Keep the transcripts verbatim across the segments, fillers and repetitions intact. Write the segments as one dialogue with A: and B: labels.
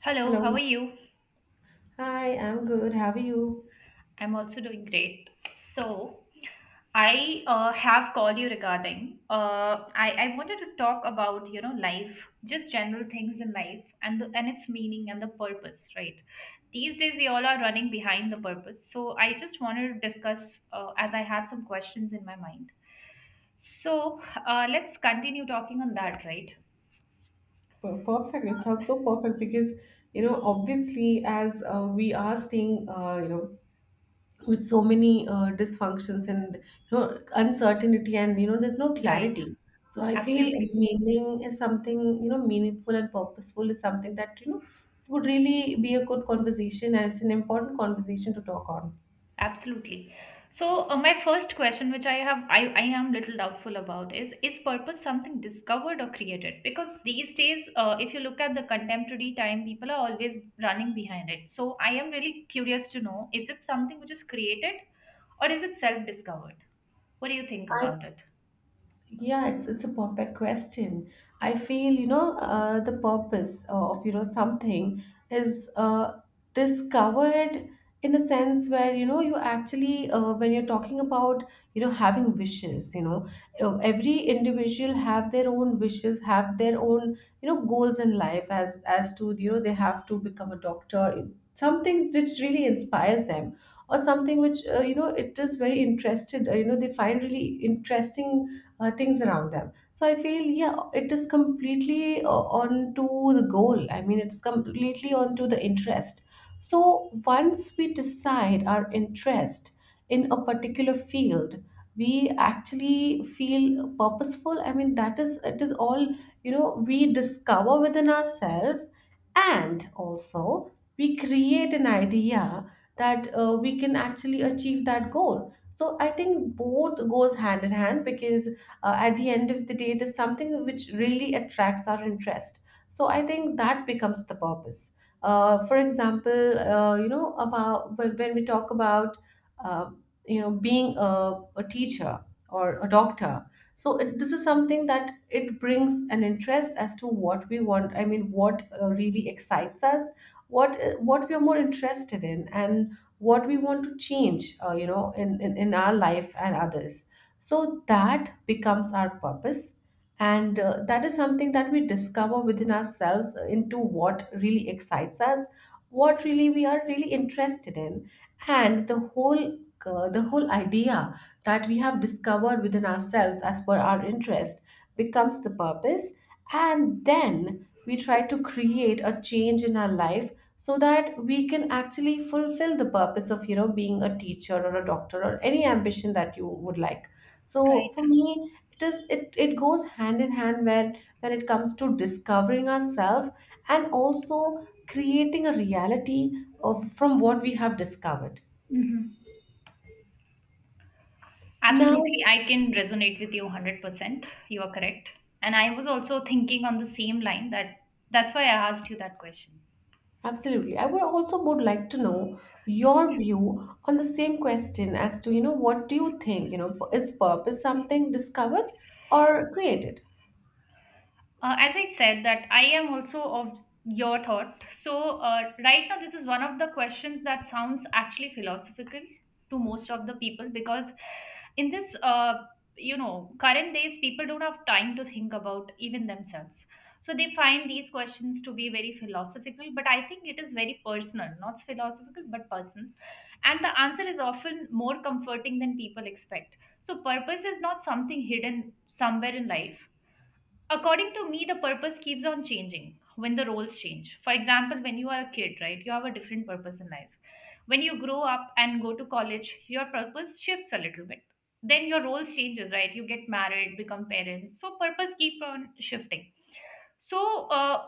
A: Hello, how are
B: Hello.
A: you?
B: Hi, I'm good. How are you?
A: I'm also doing great. So, I uh, have called you regarding uh, I, I wanted to talk about you know life, just general things in life and the, and its meaning and the purpose, right? These days we all are running behind the purpose. So I just wanted to discuss uh, as I had some questions in my mind. So uh, let's continue talking on that, right?
B: Per- Perfect. It sounds so perfect because, you know, obviously, as uh, we are staying, uh, you know, with so many uh, dysfunctions and, you know, uncertainty and, you know, there's no
A: Right,
B: clarity. So I feel
A: absolutely.
B: meaning is something, you know, meaningful and purposeful is something that, you know, would really be a good conversation, and it's an important conversation to talk on.
A: Absolutely. So, uh, my first question, which I have, I, I am little doubtful about, is is purpose something discovered or created? Because these days, uh, if you look at the contemporary time, people are always running behind it. So, I am really curious to know, is it something which is created or is it self-discovered? What do you think
B: I
A: about it?
B: Yeah, it's it's a perfect question. I feel you know uh, the purpose, uh, of you know something is, uh, discovered in a sense where you know you actually, uh, when you're talking about you know having wishes, you know uh, every individual have their own wishes, have their own, you know goals in life, as as to you know they have to become a doctor, something which really inspires them, or something which, uh, you know it is very interested, uh, you know they find really interesting, uh, things around them. So I feel, yeah, it is completely, uh, onto the goal. I mean, it's completely onto the interest. So once we decide our interest in a particular field, we actually feel purposeful. I mean, that is, it is all, you know, we discover within ourselves, and also we create an idea that, uh, we can actually achieve that goal. So I think both goes hand in hand because, uh, at the end of the day, it is something which really attracts our interest. So I think that becomes the purpose. Uh, for example, uh, you know about when, when we talk about, uh, you know being a, a teacher or a doctor. So it, this is something that it brings an interest as to what we want. I mean, what, uh, really excites us, what uh, what we are more interested in, and what we want to change, uh, you know in, in in our life and others. So that becomes our purpose, and uh, that is something that we discover within ourselves, uh, into what really excites us, what really we are really interested in. And the whole, uh, the whole idea that we have discovered within ourselves as per our interest becomes the purpose. And then we try to create a change in our life, so that we can actually fulfill the purpose of you know being a teacher or a doctor or any ambition that you would like. So
A: Right.
B: for me, it is it, it goes hand in hand when when it comes to discovering ourselves, and also creating a reality of, from what we have discovered.
A: Mhm.
B: Now,
A: Absolutely. I can resonate with you one hundred percent. You are correct. And I was also thinking on the same line that that's why I asked you that question.
B: absolutely, I would also would like to know
A: Yes.
B: your view on the same question, as to you know what do you think, you know is purpose something discovered or created?
A: Uh, as I said, that I am also of your thought. So, uh, right now, this is one of the questions that sounds actually philosophical to most of the people because in this, uh, you know, current days, people don't have time to think about even themselves. So, they find these questions to be very philosophical, but I think it is very personal, not philosophical, but personal. And the answer is often more comforting than people expect. So, purpose is not something hidden somewhere in life. According to me, the purpose keeps on changing when the roles change. For example, when you are a kid, right, you have a different purpose in life. When you grow up and go to college, your purpose shifts a little bit. Then your role changes, right? You get married, become parents. So purpose keep on shifting. So uh,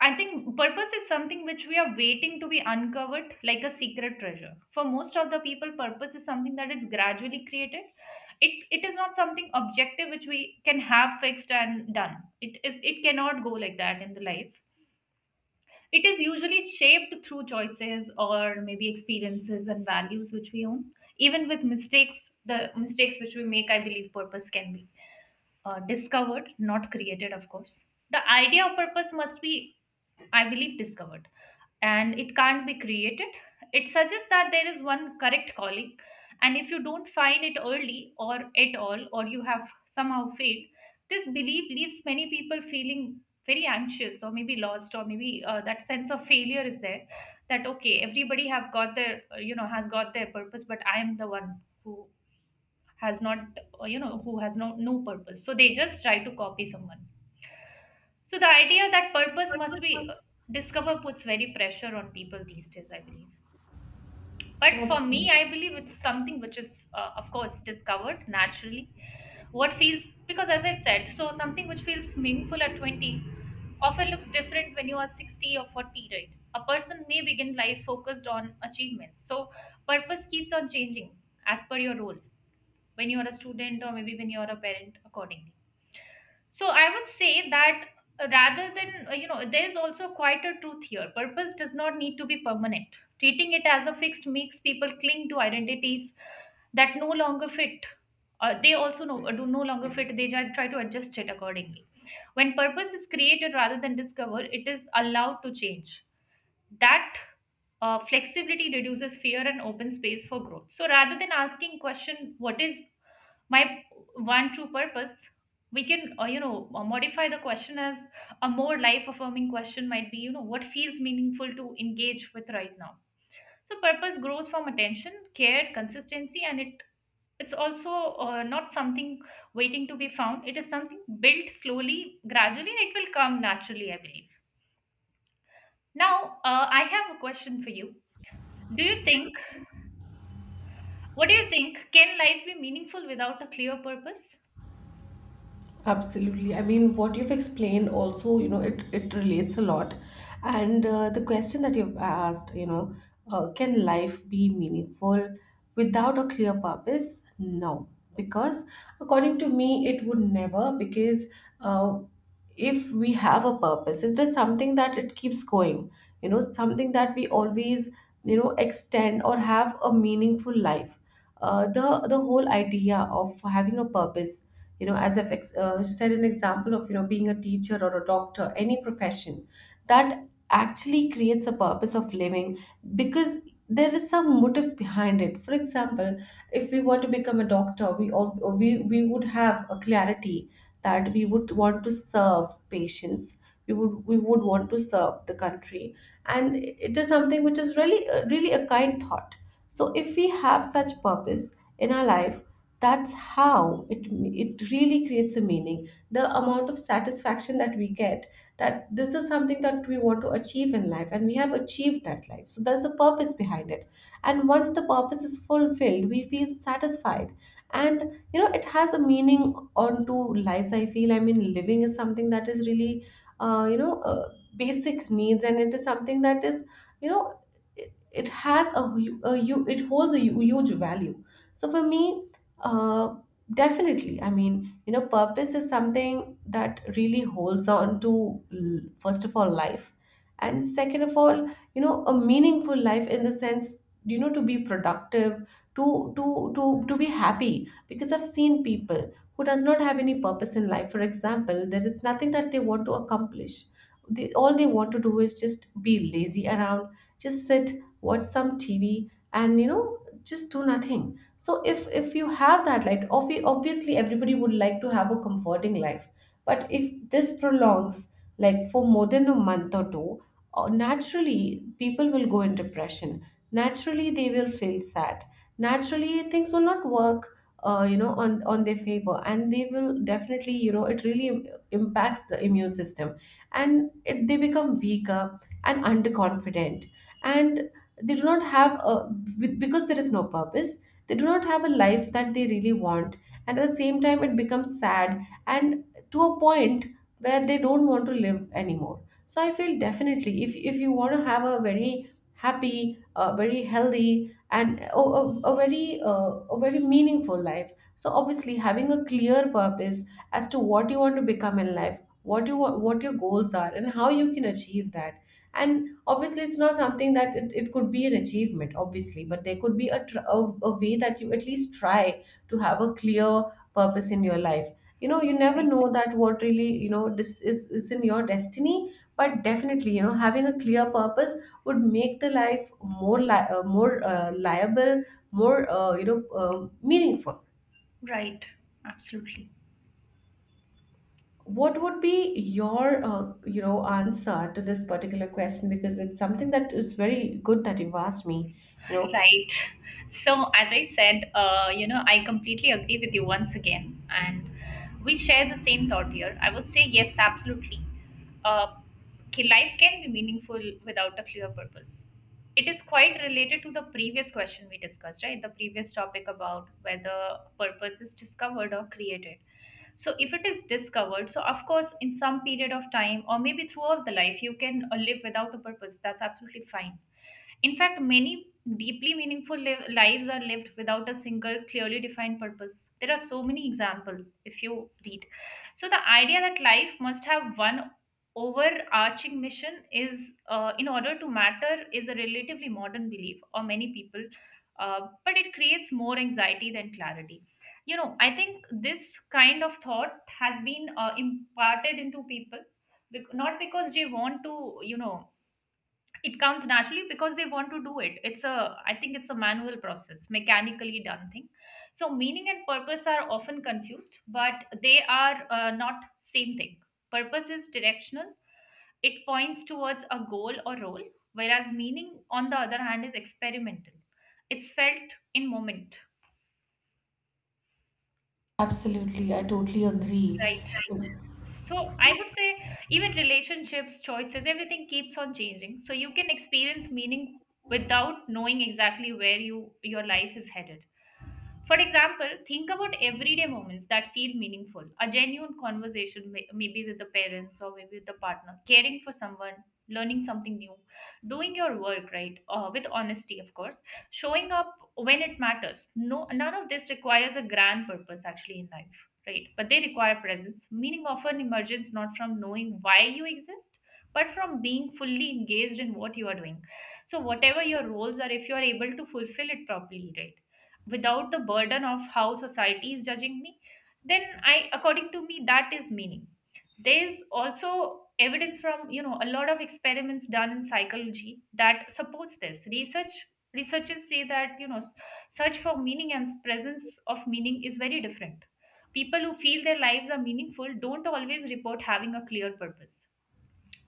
A: I think purpose is something which we are waiting to be uncovered like a secret treasure. For most of the people, purpose is something that is gradually created. It, it is not something objective which we can have fixed and done. It, is it cannot go like that in the life. It is usually shaped through choices or maybe experiences and values which we own. Even with mistakes, the mistakes which we make, I believe purpose can be uh, discovered, not created, of course. The idea of purpose must be, I believe, discovered, and it can't be created. It suggests that there is one correct calling, and if you don't find it early or at all, or you have somehow failed, this belief leaves many people feeling very anxious or maybe lost or maybe uh, that sense of failure is there, that okay, everybody have got their uh, you know has got their purpose but I am the one who has not uh, you know who has no no purpose, so they just try to copy someone. So the idea that purpose must be uh, discovered puts very pressure on people these days, I believe. But for me,
B: Absolutely.
A: I believe it's something which is, uh, of course, discovered naturally. What feels, because as I said, so something which feels meaningful at twenty often looks different when you are sixty or forty, right? A person may begin life focused on achievements. So purpose keeps on changing as per your role, when you are a student or maybe when you are a parent, accordingly. So I would say that, uh, rather than, uh, you know, there's also quite a truth here. Purpose does not need to be permanent. Treating it as a fixed makes people cling to identities that no longer fit. Uh, they also no, do no longer fit. They ju- try to adjust it accordingly. When purpose is created rather than discovered, it is allowed to change. That uh, flexibility reduces fear and opens space for growth. So rather than asking question, what is my one true purpose, we can uh, you know uh, modify the question as: a more life affirming question might be, you know what feels meaningful to engage with right now? So purpose grows from attention, care, consistency, and it it's also uh, not something waiting to be found. It is something built slowly, gradually, and it will come naturally, I believe. Now, uh, I have a question for you. Do you think, what do you think can life be meaningful without a clear purpose?
B: Absolutely. I mean, what you've explained also, you know, it, it relates a lot. And, uh, the question that you've asked, you know, uh, can life be meaningful without a clear purpose? No. Because according to me, it would never, because, uh, if we have a purpose, it's just something that it keeps going, you know something that we always, you know extend, or have a meaningful life. Uh, the the whole idea of having a purpose, you know as i've ex- uh, said an example of you know being a teacher or a doctor, any profession that actually creates a purpose of living. Because there is some motive behind it. For example, if we want to become a doctor, we all, we, we would have a clarity, that we would want to serve patients, we would we would want to serve the country. And it is something which is really really a kind thought. So if we have such purpose in our life, that's how it, it really creates a meaning. The amount of satisfaction that we get, that this is something that we want to achieve in life, and we have achieved that life, so there's a purpose behind it. And once the purpose is fulfilled, we feel satisfied. And, you know it has a meaning onto lives, I feel. I mean, living is something that is really, uh, you know uh, basic needs, and it is something that is, you know it, it has a, hu- a hu- it holds a hu- huge value. So for me, uh, definitely, I mean, you know purpose is something that really holds on to, l- first of all life, and second of all, you know a meaningful life. In the sense, you know to be productive, to to to to be happy. Because I've seen people who does not have any purpose in life. For example, there is nothing that they want to accomplish. They, all they want to do is just be lazy around, just sit, watch some TV, and you know just do nothing. So if if you have that, like obvi- obviously everybody would like to have a comforting life. But if this prolongs, like for more than a month or two, uh, naturally people will go in depression. Naturally, they will feel sad. Naturally, things will not work. Uh, you know, on on their favor, and they will definitely, you know, it really im- impacts the immune system, and it, they become weaker and underconfident. And they do not have a, with- because there is no purpose. They do not have a life that they really want, and at the same time, it becomes sad, and to a point where they don't want to live anymore. So I feel definitely, if if you want to have a very happy, uh, very healthy, and a, a, a very, uh, a very meaningful life. So obviously, having a clear purpose, as to what you want to become in life, what you want, what your goals are, and how you can achieve that. And obviously it's not something that it, it could be an achievement obviously. But there could be a, tr- a, a way, that you at least try to have a clear purpose in your life. You know you never
A: Right.
B: know that what really, you know this is, is in your destiny. But definitely, you know having a clear purpose would make the life more, li- uh, more, uh, liable, more, uh, you know uh, meaningful.
A: Right. Absolutely.
B: What would be your, uh, you know answer to this particular question? Because it's something that is very good that you've asked me, you know
A: Right. So, as I said, uh, you know, I completely agree with you once again, and we share the same thought here. I would say yes, absolutely. Uh, ki- Life can be meaningful without a clear purpose. It is quite related to the previous question we discussed, right? The previous topic about whether purpose is discovered or created. So, if it is discovered, so of course, in some period of time, or maybe throughout the life, you can uh, live without a purpose. That's absolutely fine. In fact, many deeply meaningful liv- lives are lived without a single clearly defined purpose. There are so many examples if you read. So, the idea that life must have one overarching mission is, uh, in order to matter, is a relatively modern belief or many people, uh, but it creates more anxiety than clarity. You know, I think this kind of thought has been uh, imparted into people, bec- not because they want to, you know, it comes naturally because they want to do it. It's a I think it's a manual process, mechanically done thing. So meaning and purpose are often confused, but they are uh, not same thing. Purpose is directional, it points towards a goal or role, whereas meaning on the other hand is experimental, it's felt in moment.
B: absolutely, I totally agree.
A: Right. So I would say even relationships, choices, everything keeps on changing. So you can experience meaning without knowing exactly where you your life is headed. For example, think about everyday moments that feel meaningful. A genuine conversation, may- maybe with the parents or maybe with the partner, caring for someone, learning something new, doing your work right, uh, with honesty, of course, showing up when it matters. No, none of this requires a grand purpose actually in life, right? But they require presence. Meaning often emerges not from knowing why you exist, but from being fully engaged in what you are doing. So, whatever your roles are, if you are able to fulfill it properly, right? Without the burden of how society is judging me, then I, according to me, that is meaning. There's also evidence from, you know, a lot of experiments done in psychology that supports this. Research researchers say that, you know, s- search for meaning and presence of meaning is very different. People who feel their lives are meaningful don't always report having a clear purpose.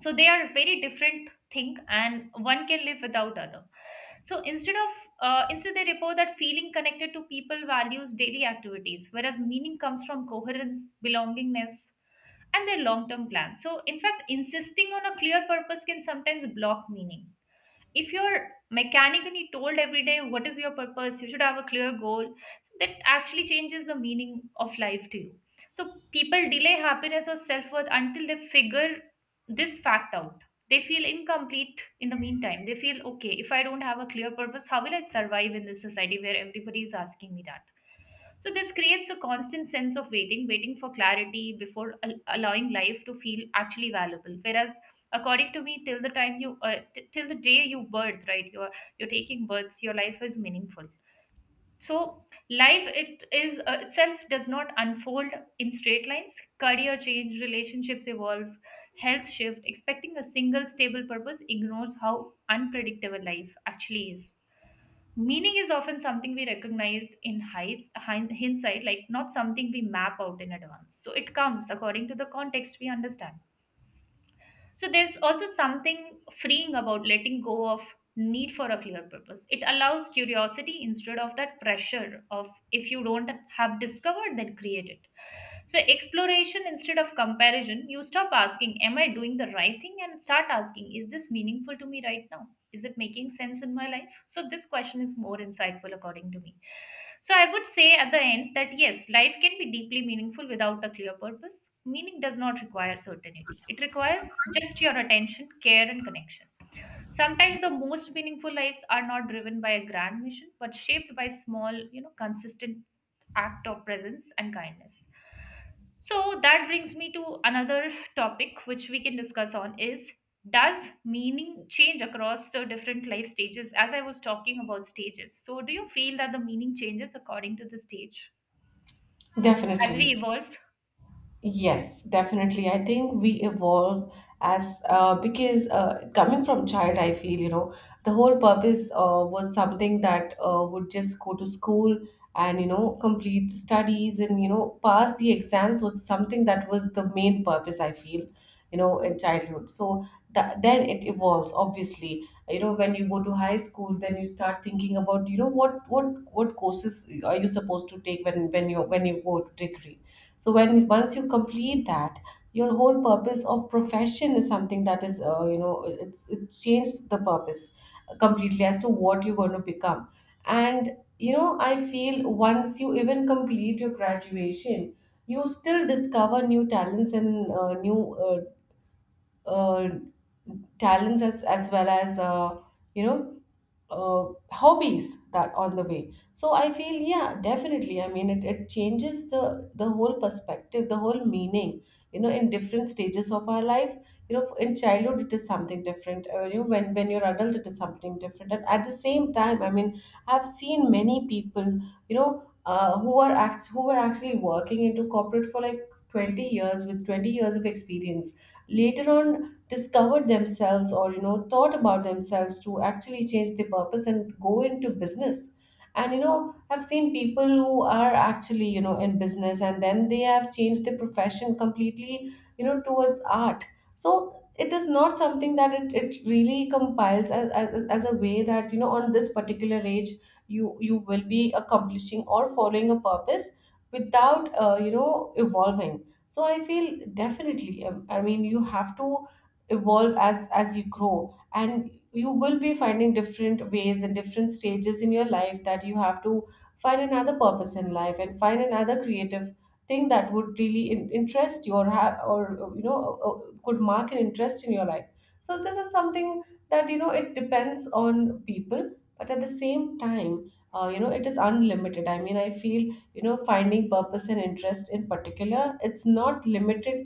A: So they are very different thing, and one can live without other. So instead of uh, instead they report that feeling connected to people, values, daily activities, whereas meaning comes from coherence, belongingness, and their long term plan. So in fact, insisting on a clear purpose can sometimes block meaning. If you're mechanically told every day what is your purpose, you should have a clear goal, that actually changes the meaning of life to you. So people delay happiness or self-worth until they figure this fact out. They feel incomplete in the meantime. They feel okay, if I don't have a clear purpose, how will I survive in this society where everybody is asking me that? So this creates a constant sense of waiting, waiting for clarity before al- allowing life to feel actually valuable. Whereas according to me, till the time you uh, t- till the day you birth, right, you're you're taking births, your life is meaningful. So life it is uh, itself does not unfold in straight lines. Career change, relationships evolve, health shift. Expecting a single stable purpose ignores how unpredictable life actually is. Meaning is often something we recognize in heights hin- hindsight, like not something we map out in advance, so it comes according to the context we understand. So there's also something freeing about letting go of need for a clear purpose. It allows curiosity instead of that pressure of if you don't have discovered, then create it. So exploration instead of comparison, you stop asking, "Am I doing the right thing?" and start asking, "Is this meaningful to me right now? Is it making sense in my life?" So this question is more insightful according to me. So I would say at the end that yes, life can be deeply meaningful without a clear purpose. Meaning does not require certainty, it requires just your attention, care, and connection. Sometimes the most meaningful lives are not driven by a grand mission, but shaped by small, you know, consistent act of presence and kindness. So that brings me to another topic which we can discuss on is, does meaning change across the different life stages, as I was talking about stages. So do you feel that the meaning changes according to the stage as we
B: Definitely.
A: evolve?
B: Yes, definitely. I think we evolve as, uh, because, uh, coming from child, I feel you know the whole purpose, uh, was something that, uh, would just go to school, and you know complete the studies and you know pass the exams, was something that was the main purpose. I feel, you know in childhood. So that, then it evolves. Obviously, you know when you go to high school, then you start thinking about you know what what what courses are you supposed to take, when when you when you go to degree. So when once you complete that, your whole purpose of profession is something that is, uh, you know it's it changed the purpose completely, as to what you're going to become. And, you know I feel once you even complete your graduation, you still discover new talents, and, uh, new, uh, uh, talents, as, as well as, uh, you know uh, hobbies that on the way. So I feel, yeah definitely, I mean it, it changes the the whole perspective, the whole meaning, you know in different stages of our life. You know in childhood it is something different, uh, you know, when when you're adult it is something different, and at the same time I mean, I've seen many people, you know uh, who are act- who were actually working into corporate for like twenty years, with twenty years of experience. Later on, discovered themselves, or you know thought about themselves to actually change their purpose and go into business. And, you know I've seen people who are actually, you know in business, and then they have changed their profession completely, you know towards art. So it is not something that it, it really compiles as, as, as a way that you know on this particular age, you you will be accomplishing or following a purpose, without, uh, you know evolving. So I feel definitely, um, I mean you have to evolve as as you grow, and you will be finding different ways and different stages in your life, that you have to find another purpose in life, and find another creative thing that would really, in, interest you, or have, or you know uh, uh, could mark an interest in your life. So this is something, that you know it depends on people. But at the same time, uh, you know it is unlimited. I mean, I feel, you know finding purpose and interest in particular, it's not limited